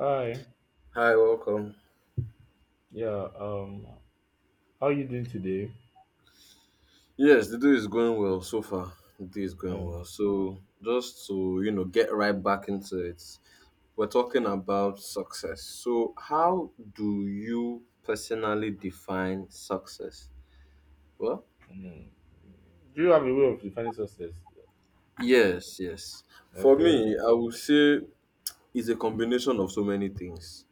Hi. Hi, welcome. Yeah. Um. How you doing today? Yes, the day is going well so far. The day is going Um. well. So, just to get right back into it, we're talking about success. So, how do you personally define success? Well, mm. Do you have a way of defining success? yes, yes. For Okay. me, I would say it's a combination of so many things,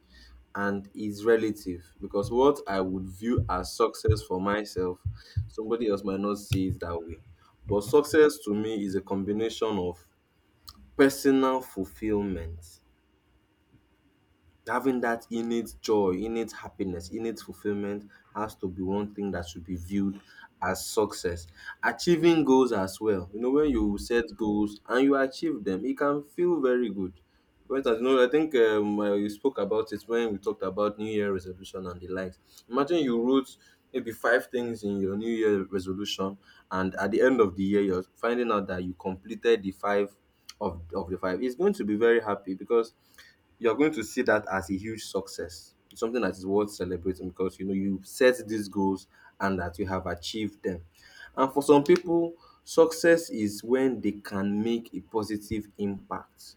and is relative because what I would view as success for myself, somebody else might not see it that way. But success to me is a combination of personal fulfillment. Having that innate joy, innate happiness, innate fulfillment has to be one thing that should be viewed as success. Achieving goals as well. You know, when you set goals and you achieve them, it can feel very good. For instance, I think you spoke about it when we talked about New Year resolution and the likes. Imagine you wrote maybe five things in your New Year resolution, and at the end of the year, you're finding out that you completed the five of the five. It's going to be very happy because you're going to see that as a huge success. It's something that is worth celebrating because you know you set these goals and that you have achieved them. And for some people, success is when they can make a positive impact,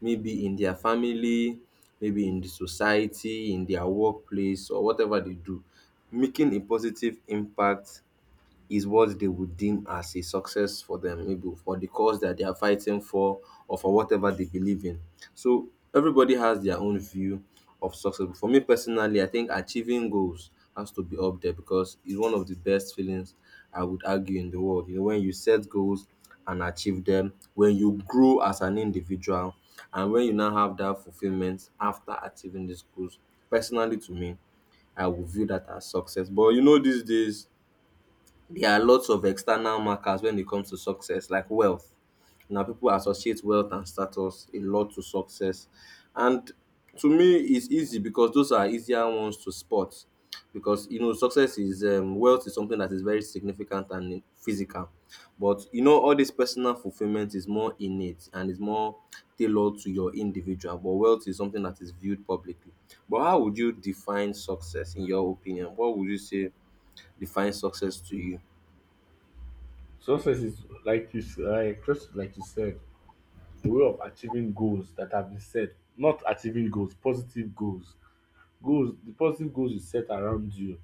maybe in their family, maybe in the society, in their workplace, or whatever they do. Making a positive impact is what they would deem as a success for them, maybe for the cause that they are fighting for or for whatever they believe in. So everybody has their own view of success. But for me personally, I think achieving goals has to be up there because it's one of the best feelings I would argue in the world. You know, when you set goals and achieve them, when you grow as an individual, and when you now have that fulfillment after achieving these goals, personally to me, I would view that as success. But you know, these days, there are lots of external markers when it comes to success like wealth. Now people associate wealth and status a lot to success. And to me it's easy because those are easier ones to spot because you know success is wealth is something that is very significant and physical. But you know all this personal fulfillment is more innate and is more tailored to your individual. But wealth is something that is viewed publicly. But how would you define success in your opinion? What would you say defines success to you? Success is like like just like you said, a way of achieving goals that have been set. Not achieving goals, positive goals. Goals, the positive goals you set around you,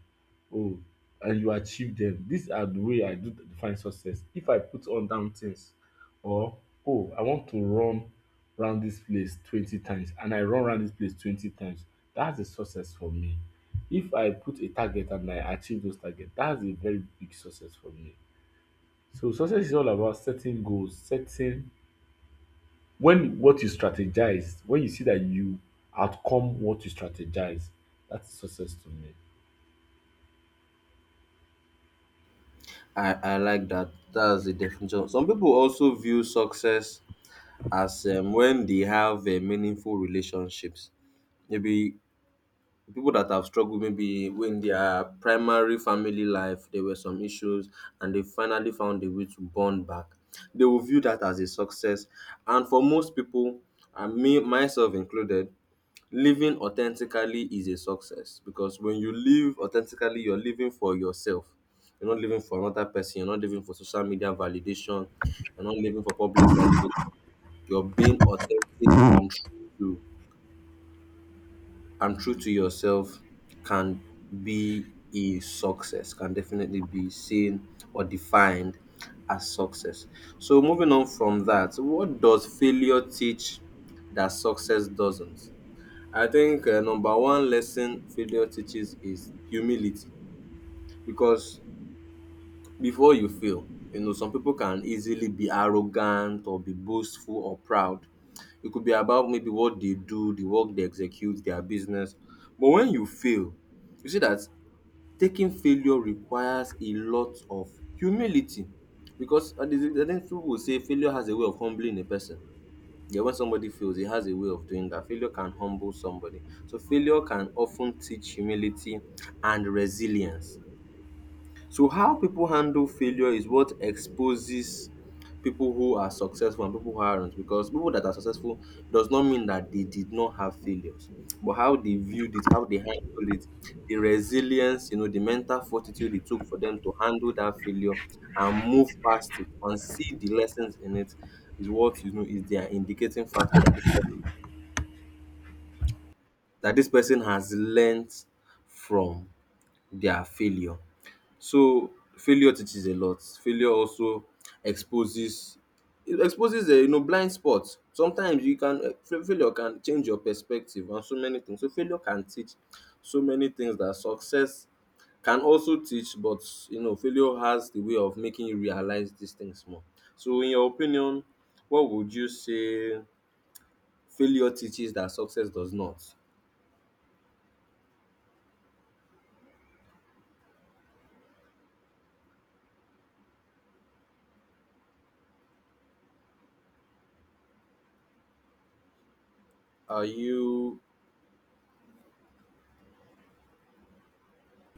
oh, and you achieve them. These are the way I do define success. If I put on down things, or oh, I want to run round this place 20 times, and I run round this place 20 times, that's a success for me. If I put a target and I achieve those targets, that's a very big success for me. So success is all about setting goals, setting when what you strategize, when you see that you outcome what you strategize, that's success to me. I like that. That's the definition. Some people also view success as when they have meaningful relationships. Maybe people that have struggled, maybe when their primary family life, there were some issues and they finally found a way to bond back. They will view that as a success. And for most people, and me, myself included, living authentically is a success because when you live authentically, you're living for yourself. You're not living for another person. You're not living for social media validation. You're not living for public validation. You're being authentic to and true to yourself can be a success. Can definitely be seen or defined as success. So moving on from that, what does failure teach that success doesn't? I think number one lesson failure teaches is humility because before you fail, you know, some people can easily be arrogant or be boastful or proud. It could be about maybe what they do, the work they execute, their business. But when you fail, you see that taking failure requires a lot of humility because I think people will say failure has a way of humbling a person. Yeah, when somebody fails, it has a way of doing that. Failure can humble somebody. So failure can often teach humility and resilience. So how people handle failure is what exposes people who are successful and people who aren't because people that are successful does not mean that they did not have failures. But how they viewed it, how they handled it, the resilience, you know, the mental fortitude it took for them to handle that failure and move past it and see the lessons in it is what you know is their indicating factor that this person has learned from their failure. So failure teaches a lot. Failure also exposes. It exposes blind spots. Sometimes you can failure can change your perspective and so many things. So failure can teach so many things that success can also teach but you know failure has the way of making you realize these things more. So in your opinion what would you say failure teaches that success does not? Are you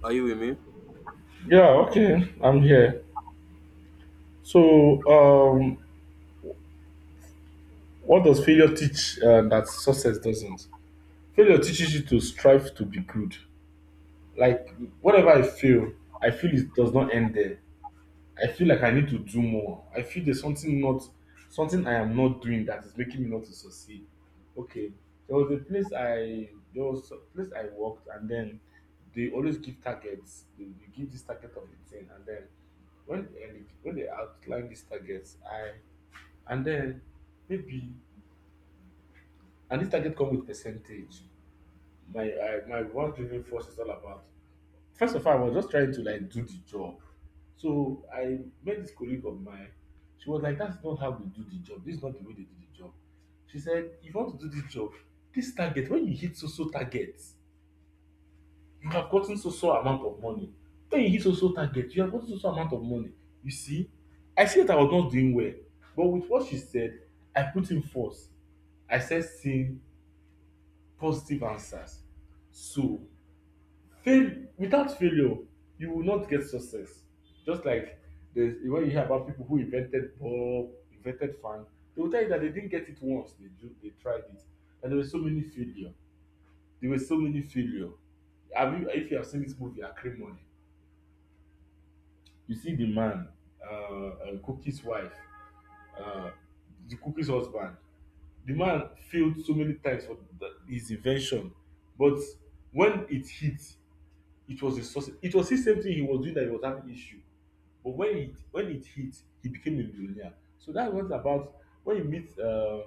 are you with me? Yeah, okay, I'm here. So, what does failure teach that success doesn't? Failure teaches you to strive to be good. Like, whatever I feel it does not end there. I feel like I need to do more. I feel there's something not, something I am not doing that is making me not to succeed. Okay, there was a place there was a place I worked, and then they always give targets. They give this target of the thing, and then when they outline these targets, I. And then maybe and this target come with percentage. My one driving force is all about. First of all, I was just trying to like do the job. So I met this colleague of mine. She was like, "That's not how we do the job. This is not the way they do the job." She said, "If you want to do this job, this target when you hit so so targets, you have gotten so so amount of money. When you hit so so target, you have gotten so so amount of money. You see, I see that I was not doing well, but with what she said, I put in force. I said, see positive answers. So, fail without failure, you will not get success. Just like there's when you hear about people who invented bulb, invented fan, they will tell you that they didn't get it once. They tried it, and there were so many failure. There were so many failure. If you have seen this movie Acrimony, you see the man, Cookie's wife, uh, the Cookie's husband. The man failed so many times for his invention, but when it hit, it was his success. It was his same thing he was doing that he was having issue. But when it hit, he became a millionaire. So that's what about when you meet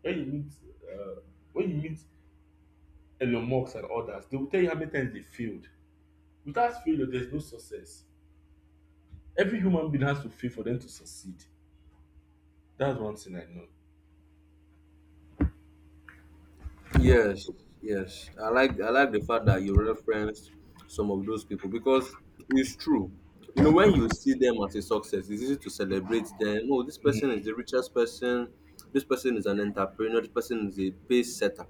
when you meet uh, when you meet Elon Musk and others, they will tell you how many times they failed. Without failure, there's no success. Every human being has to fail for them to succeed. That's one thing I know. Yes, yes. I like the fact that you referenced some of those people because it's true. You know, when you see them as a success, it's easy to celebrate them. Oh, this person is the richest person. This person is an entrepreneur. This person is a pace setter.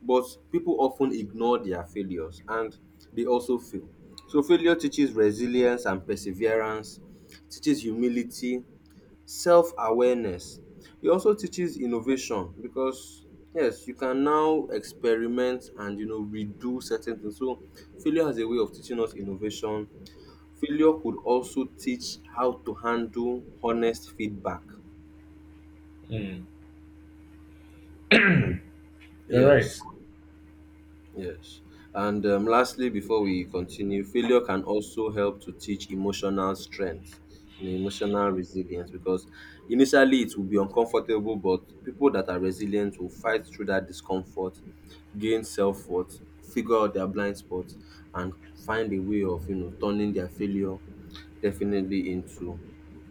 But people often ignore their failures and they also fail. So failure teaches resilience and perseverance, teaches humility, self-awareness. E also teaches innovation because yes, you can now experiment and you know redo certain things. So failure has a way of teaching us innovation. Failure could also teach how to handle honest feedback. Mm. You're right. Yes. Yes. And lastly, before we continue, failure can also help to teach emotional strength, you know, emotional resilience, because initially it will be uncomfortable, but people that are resilient will fight through that discomfort, gain self worth, figure out their blind spots, and find a way of, you know, turning their failure definitely into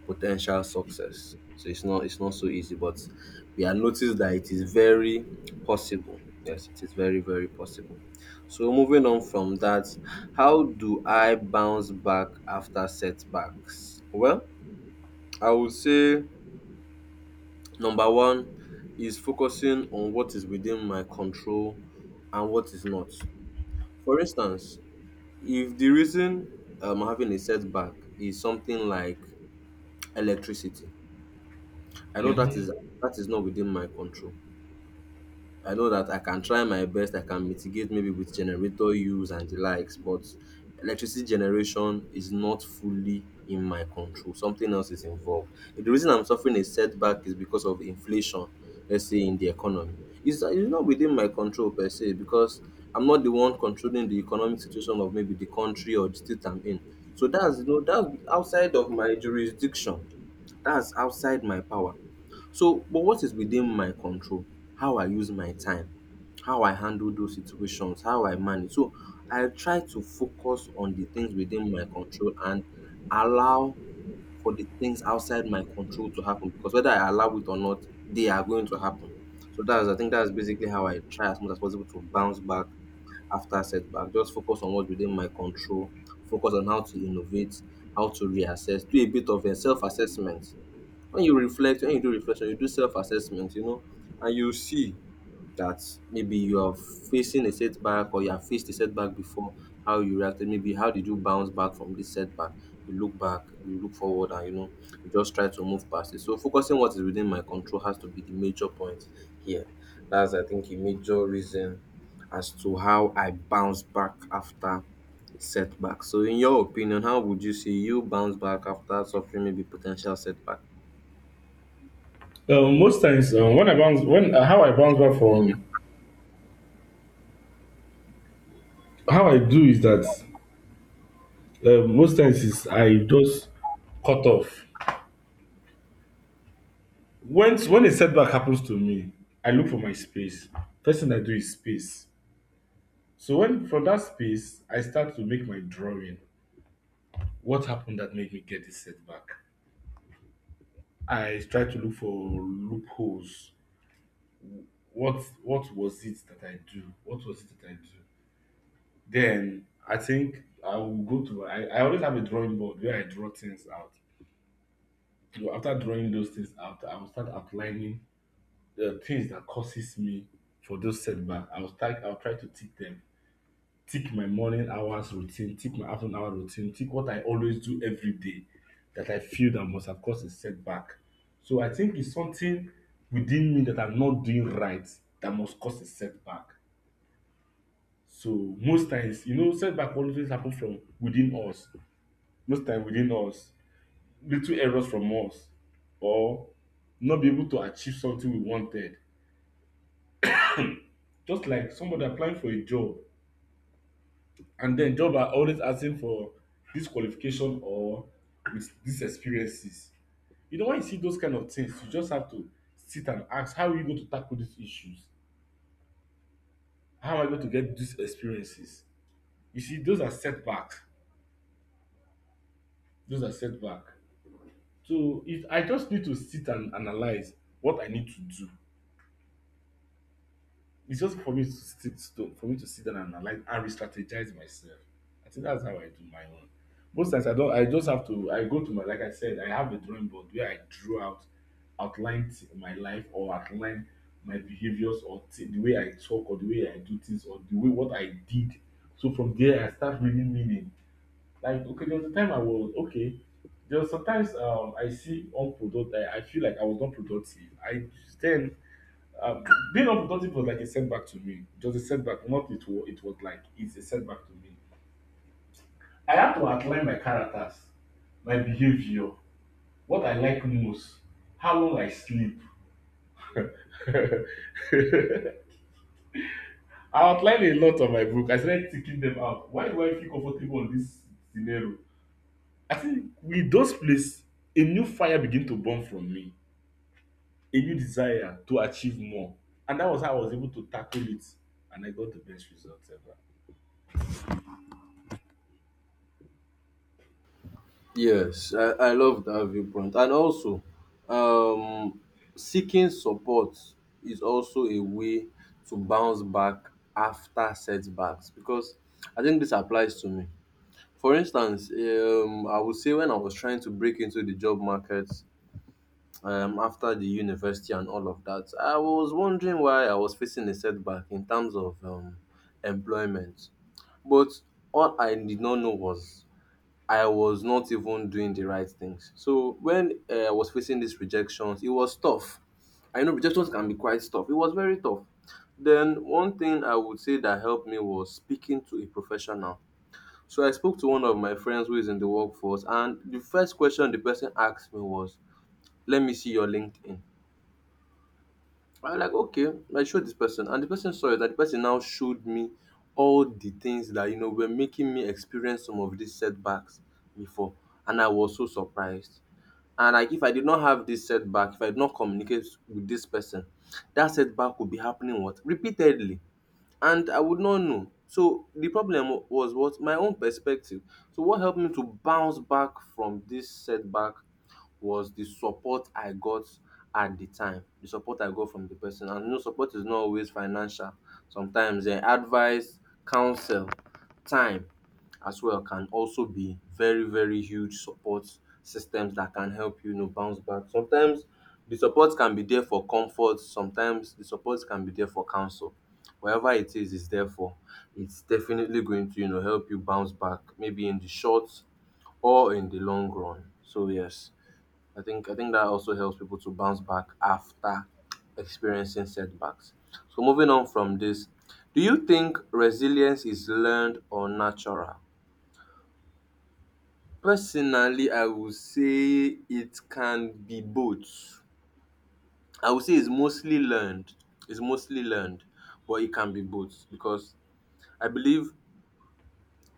potential success. So it's not so easy, but we have noticed that it is very possible. Yes, it is very, very possible. So moving on from that, how do I bounce back after setbacks? Well, I would say number one is focusing on what is within my control and what is not. For instance, if the reason I'm having a setback is something like electricity, I know that is not within my control. I know that I can try my best, I can mitigate maybe with generator use and the likes, but electricity generation is not fully in my control. Something else is involved. The reason I'm suffering a setback is because of inflation, let's say in the economy. It's not within my control per se because I'm not the one controlling the economic situation of maybe the country or the state I'm in. So that's you know that's outside of my jurisdiction. That's outside my power. So but what is within my control? How I use my time, how I handle those situations, how I manage. So I try to focus on the things within my control and allow for the things outside my control to happen because whether I allow it or not, they are going to happen. So that's I think that's basically how I try as much as possible to bounce back after setback. Just focus on what's within my control, focus on how to innovate, how to reassess, do a bit of a self-assessment. When you reflect, when you do reflection, you do self-assessment, you know, and you see that maybe you are facing a setback or you have faced a setback before, how you reacted, maybe how did you bounce back from this setback. You look back, you look forward, and you know, you just try to move past it. So focusing what is within my control has to be the major point here. That's, I think, a major reason as to how I bounce back after setback. So in your opinion, how would you say you bounce back after suffering maybe potential setback? Most times when I bounce, when how I bounce back from how I do is that most times is I just cut off. When a setback happens to me, I look for my space. First thing I do is space. So when from that space, I start to make my drawing. What happened that made me get this setback? I try to look for loopholes. What was it that I do? What was it that I do? Then I think I will go to I always have a drawing board where I draw things out. So after drawing those things out, I will start outlining the things that causes me for those setbacks. I'll try to tick them tick my morning hours routine, tick my afternoon hour routine, tick what I always do every day that I feel that must have caused a setback. So I think it's something within me that I'm not doing right that must cause a setback. So most times, you know, setback always happen from within us. Most time within us, little errors from us, or not be able to achieve something we wanted. Just like somebody applying for a job, and then job are always asking for this qualification or with these experiences. You know, when you see those kind of things, you just have to sit and ask, how are you going to tackle these issues? How am I going to get these experiences? You see, those are setbacks. Those are setbacks. So if I just need to sit and analyze what I need to do. It's just for me to sit for me to sit down and analyze and re-strategize myself. I think that's how I do my own. Most times I don't I just have to I go to my like I said, I have a drawing board where I drew out outlined my life or outline my behaviors or the way I talk or the way I do things or the way what I did. So from there I start reading meaning. Like okay, there was a time I was okay. There was sometimes I see unproductive I feel like I was not productive. I then um, being unproductive was like a setback to me. It was a setback, not it was, it was like it's a setback to me. I had to outline my characters, my behavior, what I like most, how long I sleep. I outlined a lot on my book. I started ticking them out. Why do I feel comfortable in this scenario? I think with those places, a new fire began to burn from me, a new desire to achieve more. And that was how I was able to tackle it. And I got the best results ever. Yes, I love that viewpoint. And also, um, seeking support is also a way to bounce back after setbacks because I think this applies to me. For instance, I would say when I was trying to break into the job market after the university and all of that, I was wondering why I was facing a setback in terms of employment. But all I did not know was I was not even doing the right things. So when I was facing these rejections, it was tough. I know rejections can be quite tough. It was very tough. Then one thing I would say that helped me was speaking to a professional. So I spoke to one of my friends who is in the workforce, and the first question the person asked me was, "Let me see your LinkedIn." I was like, okay, I showed this person, and the person saw it, and the person now showed me all the things that were making me experience some of these setbacks before, and I was so surprised. And like, if I did not have this setback, if I did not communicate with this person, that setback would be happening what repeatedly, and I would not know. So the problem was what my own perspective. So what helped me to bounce back from this setback was the support I got at the time, the support I got from the person. And support is not always financial. Sometimes advice, counsel, time as well can also be very, very huge support systems that can help you bounce back. Sometimes the support can be there for comfort, sometimes the support can be there for counsel. Whatever it is there for. It's definitely going to, help you bounce back, maybe in the short or in the long run. So yes. I think that also helps people to bounce back after experiencing setbacks. So moving on from this, do you think resilience is learned or natural? Personally, I would say it can be both. I would say it's mostly learned. It's mostly learned, but it can be both because I believe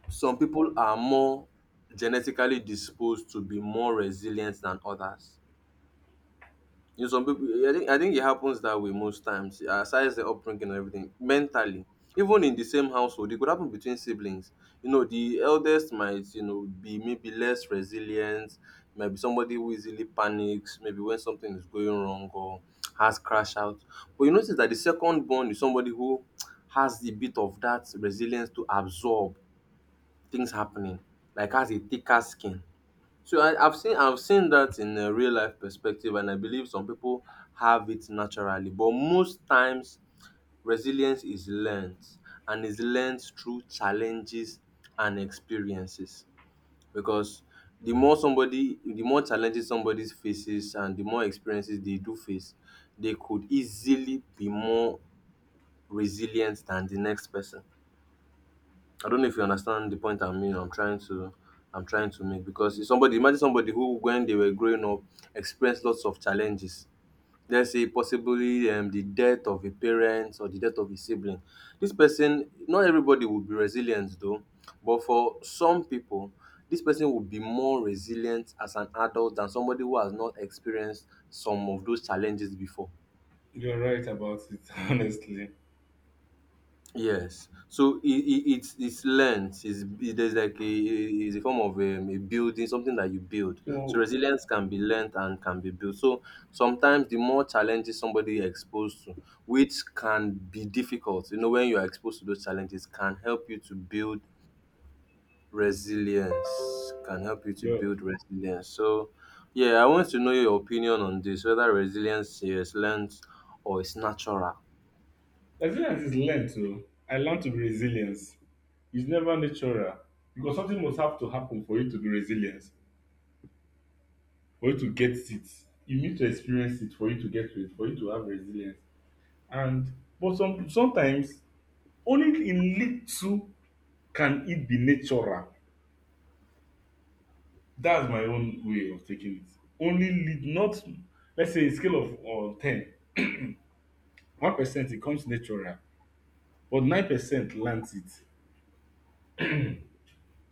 some people are more genetically disposed to be more resilient than others. In some people, I think it happens that way most times aside the upbringing and everything mentally. Even in the same household, it could happen between siblings. You know, the eldest might, be maybe less resilient, might be somebody who easily panics maybe when something is going wrong or has crash out, but you notice that the second born is somebody who has a bit of that resilience to absorb things happening, like has a thicker skin. So I've seen that in a real life perspective, and I believe some people have it naturally. But most times, resilience is learned, and is learned through challenges and experiences. Because the more challenges somebody faces, and the more experiences they do face, they could easily be more resilient than the next person. I don't know if you understand the point I mean. I'm trying to make because if somebody, imagine somebody who when they were growing up experienced lots of challenges. Let's say possibly the death of a parent or the death of a sibling. This person, not everybody will be resilient though, but for some people, this person will be more resilient as an adult than somebody who has not experienced some of those challenges before. You're right about it, honestly. Yes. So it's length. It's, it, there's like a It's a form of a building, something that you build. So So, resilience can be learned and can be built. So sometimes the more challenges somebody exposed to, which can be difficult, you know, when you are exposed to those challenges, can help you to build resilience. Can help you to yeah, build resilience. So yeah, I want to know your opinion on this, whether resilience is learned or it's natural. resilience is learned too. I learned to be resilient. It's never natural because something must have to happen for you to be resilient, for you to get it. You need to experience it for you to get to it, for you to have resilience. And but some sometimes only in little can it be natural. That's my own way of taking it. Only lit- not let's say a scale of ten. 1% it comes natural, but 9% learns it.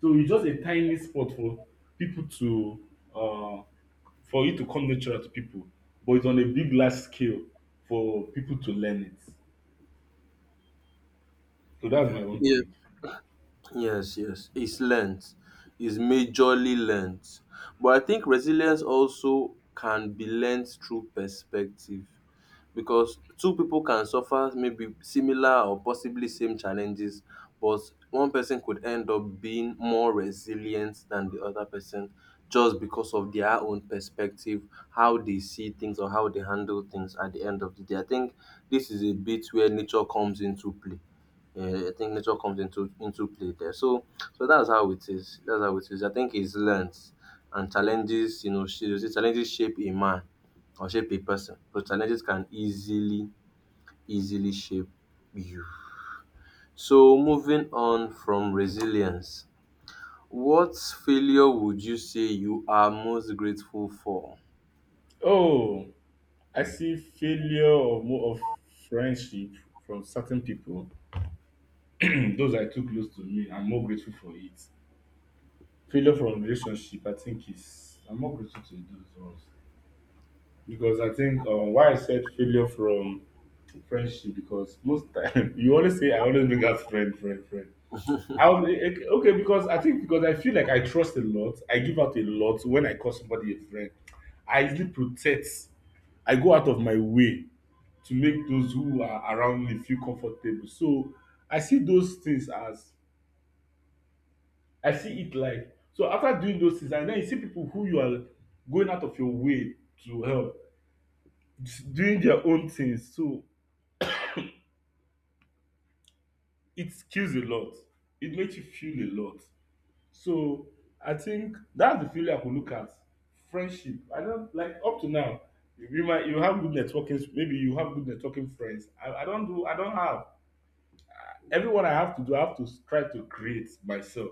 So it's just a tiny spot for people to uh, for it to come natural to people, but it's on a big large scale for people to learn it. So that's Yeah. my own Yeah. take. Yes, yes. It's length. It's majorly length. But I think resilience also can be learned through perspective because two people can suffer maybe similar or possibly same challenges, but one person could end up being more resilient than the other person just because of their own perspective, how they see things or how they handle things at the end of the day. I think this is a bit where nature comes into play. Yeah, I think nature comes into play there. So so that's how it is. That's how it is. I think it's learned and challenges, you know, you see, challenges shape a man or shape a person. So challenges can easily, easily shape you. So moving on from resilience, what failure would you say you are most grateful for? Oh, I see failure of more of friendship from certain people. Those are too close to me. I'm more grateful for it. Failure from relationship, I think is I'm more grateful to those ones. Because I think why I said failure from friendship because most time you always say I always bring out friend. I was eh, eh, okay because I think because I feel like I trust a lot. I give out a lot when I call somebody a friend. I easily protect. I go out of my way to make those who are around me feel comfortable. So I see those things as I see it like so after doing those things and then you see people who you are going out of your way to help doing their own things. So it kills a lot. It makes you feel a lot. So I think that's the failure I could look at. Friendship. I don't like up to now. You might you have good networking. Maybe you have good networking friends. I don't do. I don't have. Everyone I have to do, I have to try to create myself.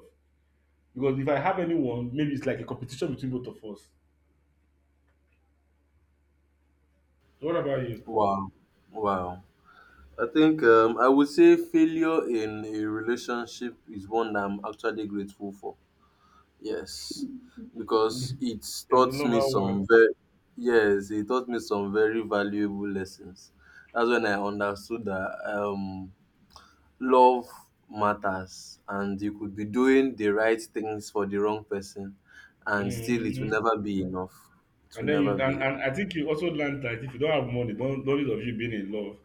Because if I have anyone, maybe it's like a competition between both of us. So what about you? Wow. Wow. I think I would say failure in a relationship is one that I'm actually grateful for. Yes, because it You're the taught me lover one. some very yes, it taught me some very valuable lessons. That's when I understood that love matters, and you could be doing the right things for the wrong person, and still it will Hmm. never be enough. It And will then never be. and I think you also learned that if you don't have money, don't need of you being in love.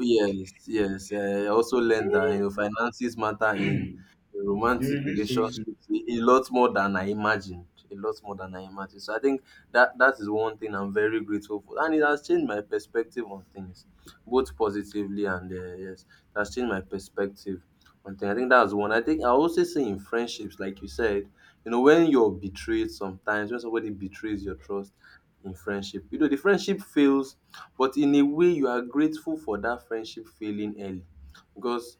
Yes, yes. I also learned that finances matter in the You will romantic lose. relationship, a lot more than I imagined, a lot more than I imagined. So I think that is one thing I'm very grateful for, and it has changed my perspective on things, both positively and yes, it has changed my perspective on things. I think that's one. I think I also say in friendships, like you said, you know, when you're betrayed, sometimes when somebody betrays your trust in friendship, you know, the friendship fails, but in a way you are grateful for that friendship failing early because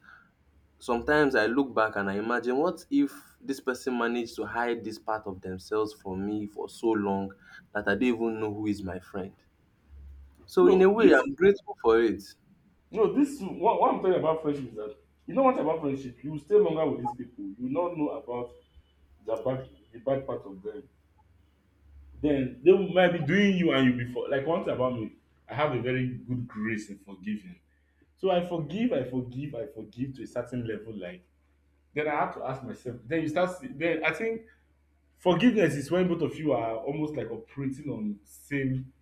sometimes I look back and I imagine what if this person managed to hide this part of themselves from me for so long that I don't even know who is my friend. So in a No, way, this I'm grateful for it. no, this what I'm talking about friendship is that you know what about friendship? You stay longer with these people. You not know about the bad part of them. Then they will- might be doing you and you before. Like one thing about me, I have a very good grace in forgiving. So I forgive to a certain level. Like then I have to ask myself. Then you start. See- Then I think forgiveness is when both of you are almost like operating on same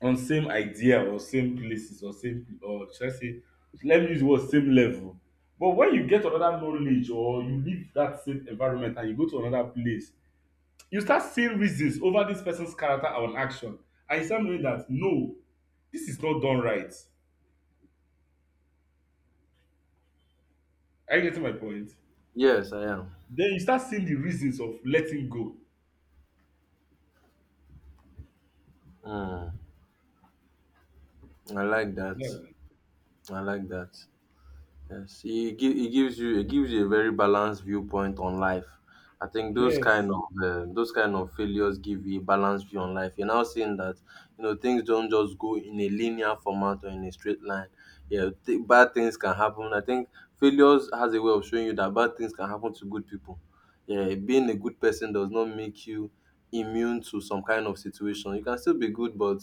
idea or same places or same or should I say let me use the word same level. But when you get another knowledge or you leave that same environment and you go to another place, you start seeing reasons over this person's character and action, and you start knowing that no, this is not done right. Are you getting my point? Yes, I am. Then you start seeing the reasons of letting go. Mm, I like that. Yeah. I like that. Yes, it gives you a very balanced viewpoint on life. I think Yes, those kind of failures give you a balanced view on life. You're now seeing that you know things don't just go in a linear format or in a straight line. Yeah, bad things can happen. I think failures has a way of showing you that bad things can happen to good people. Yeah, being a good person does not make you immune to some kind of situation. You can still be good, but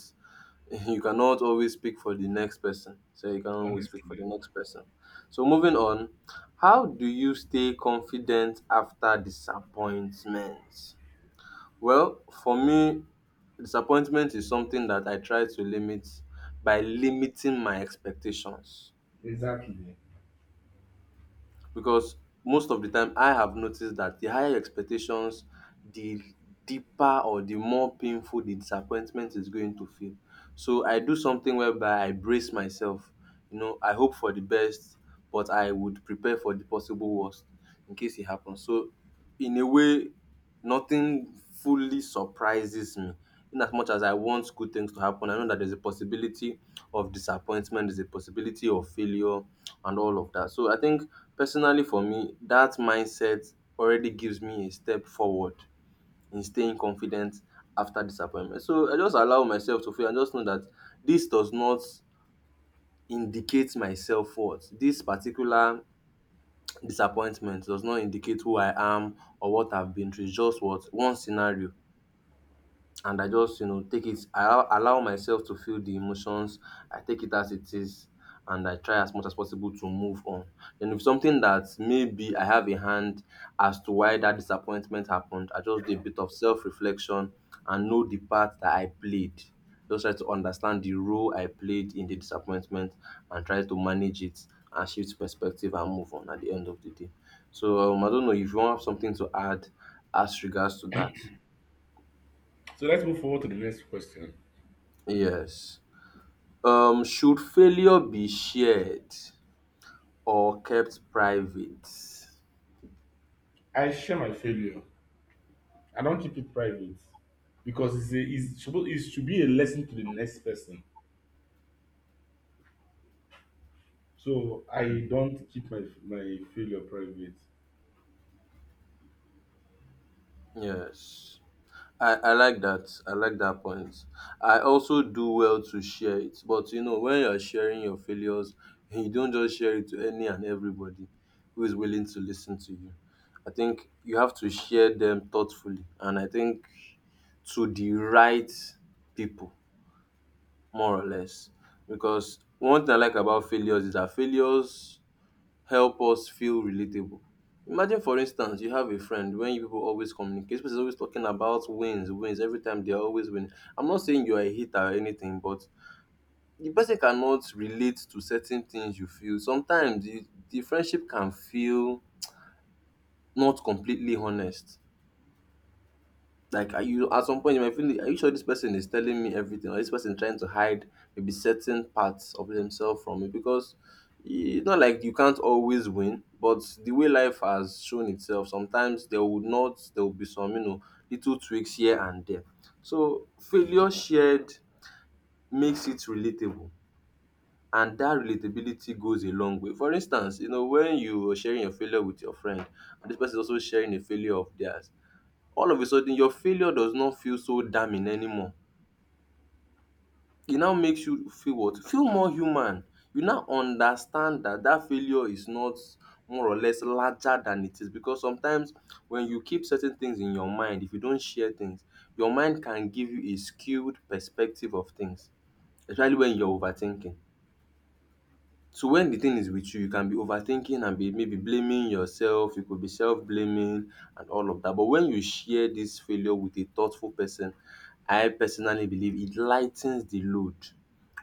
you cannot always speak for the next person. So you cannot always speak for honestly. the next person. So moving on, how do you stay confident after disappointment? Well, for me, disappointment is something that I try to limit by limiting my expectations, Exactly. because most of the time I have noticed that the higher your expectations, the deeper or the more painful the disappointment is going to feel. So I do something whereby I brace myself. You know, I hope for the best, but I would prepare for the possible worst in case it happens. So in a way nothing fully surprises me. In as much as I want good things to happen, I know that there's a possibility of disappointment, there's a possibility of failure, and all of that. So I think personally for me, that mindset already gives me a step forward in staying confident after disappointment. So I just allow myself to fail and just know that this does not indicate my self worth. This particular disappointment does not indicate who I am or what I've been through. It's just what one scenario, and I just, you know, take it, I allow myself to feel the emotions. I take it as it is and I try as much as possible to move on. Then, if something that maybe I have a hand as to why that disappointment happened, I just do a bit of self reflection and know the part that I played. Just try to understand the role I played in the disappointment and try to manage it and shift perspective and move on at the end of the day. So I don't know if you want something to add as regards to that. So let's move forward to the next question. Yes. Um, should failure be shared or kept private? I share my failure. I don't keep it private because it's supposed it should be a lesson to the next person. So I don't keep my failure private. Yes, I like that. I like that point. I also do well to share it, but you know, when you're sharing your failures, you don't just share it to any and everybody who is willing to listen to you. I think you have to share them thoughtfully, and I think to the right people, more or less. Because one thing I like about failures is that failures help us feel relatable. Imagine for instance you have a friend, when you people always communicate, this person is always talking about wins every time, they are always winning. I'm not saying you are a hater or anything, but the person cannot relate to certain things you feel. Sometimes the friendship can feel not completely honest. Like, are you, at some point you might feel, like, are you sure this person is telling me everything, or this person trying to hide maybe certain parts of themselves from me? Because it's not like you can't always win, but the way life has shown itself, sometimes there will not, there will be some, you know, little tweaks here and there. So failure shared makes it relatable, and that relatability goes a long way. For instance, you know, when you were sharing your failure with your friend, and this person is also sharing a failure of theirs, all of a sudden your failure does not feel so damning anymore. It now makes you feel what? Feel more human. You now understand that that failure is not more or less larger than it is, because sometimes when you keep certain things in your mind, if you don't share things, your mind can give you a skewed perspective of things, especially when you're overthinking. So when the thing is with you, you can be overthinking and be maybe blaming yourself, you could be self-blaming and all of that. But when you share this failure with a thoughtful person, I personally believe it lightens the load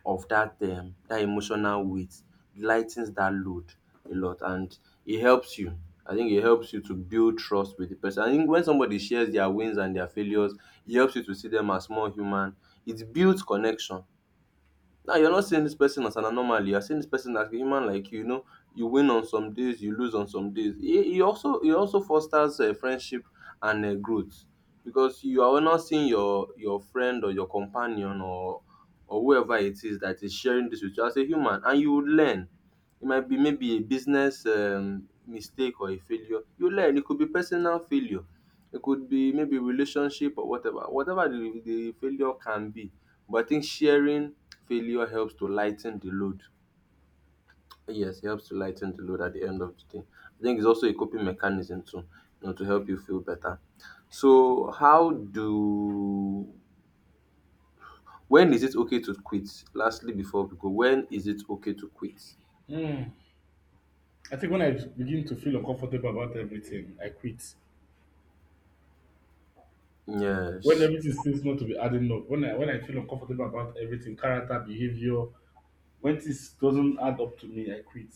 of that that emotional weight. It lightens that load a lot, and it helps you. I think it helps you to build trust with the person. I think when somebody shares their wins and their failures, it helps you to see them as more human. It builds connection. Now you're not seeing this person as an anomaly. You're seeing this person as a human like you. Know, you win on some days, you lose on some days. It, it also fosters friendship and growth, because you are not seeing your friend or your companion or whoever it is that is sharing this with you as a human, and you would learn. It might be maybe a business mistake or a failure. You learn. It could be personal failure. It could be maybe relationship or whatever. Whatever the failure can be, but I think sharing failure helps to lighten the load. Yes, it helps to lighten the load at the end of the day. I think it's also a coping mechanism too, you know, to help you feel better. So, how do when is it okay to quit? Lastly, before we go, when is it okay to quit? Hmm. I think when I begin to feel uncomfortable about everything, I quit. When Yes. everything seems not to be adding up, when I feel uncomfortable about everything, character, behavior, when this doesn't add up to me, I quit.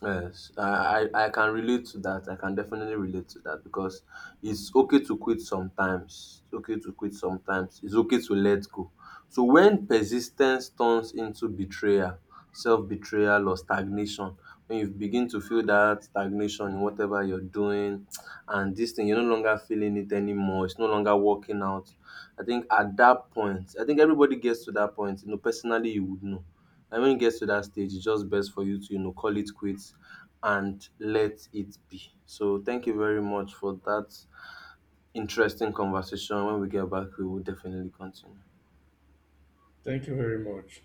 Yes, I can relate to that. I can definitely relate to that because it's okay to quit sometimes. It's okay to quit sometimes. It's okay to let go. So when persistence turns into betrayal, self-betrayal or stagnation, when you begin to feel that stagnation in whatever you're doing and this thing, you're no longer feeling it anymore. It's no longer working out. I think at that point, I think everybody gets to that point. You know, personally you would know, and when you get to that stage, it's just best for you to, you know, call it quits and let it be. So thank you very much for that interesting conversation. When we get back, we will definitely continue. Thank you very much.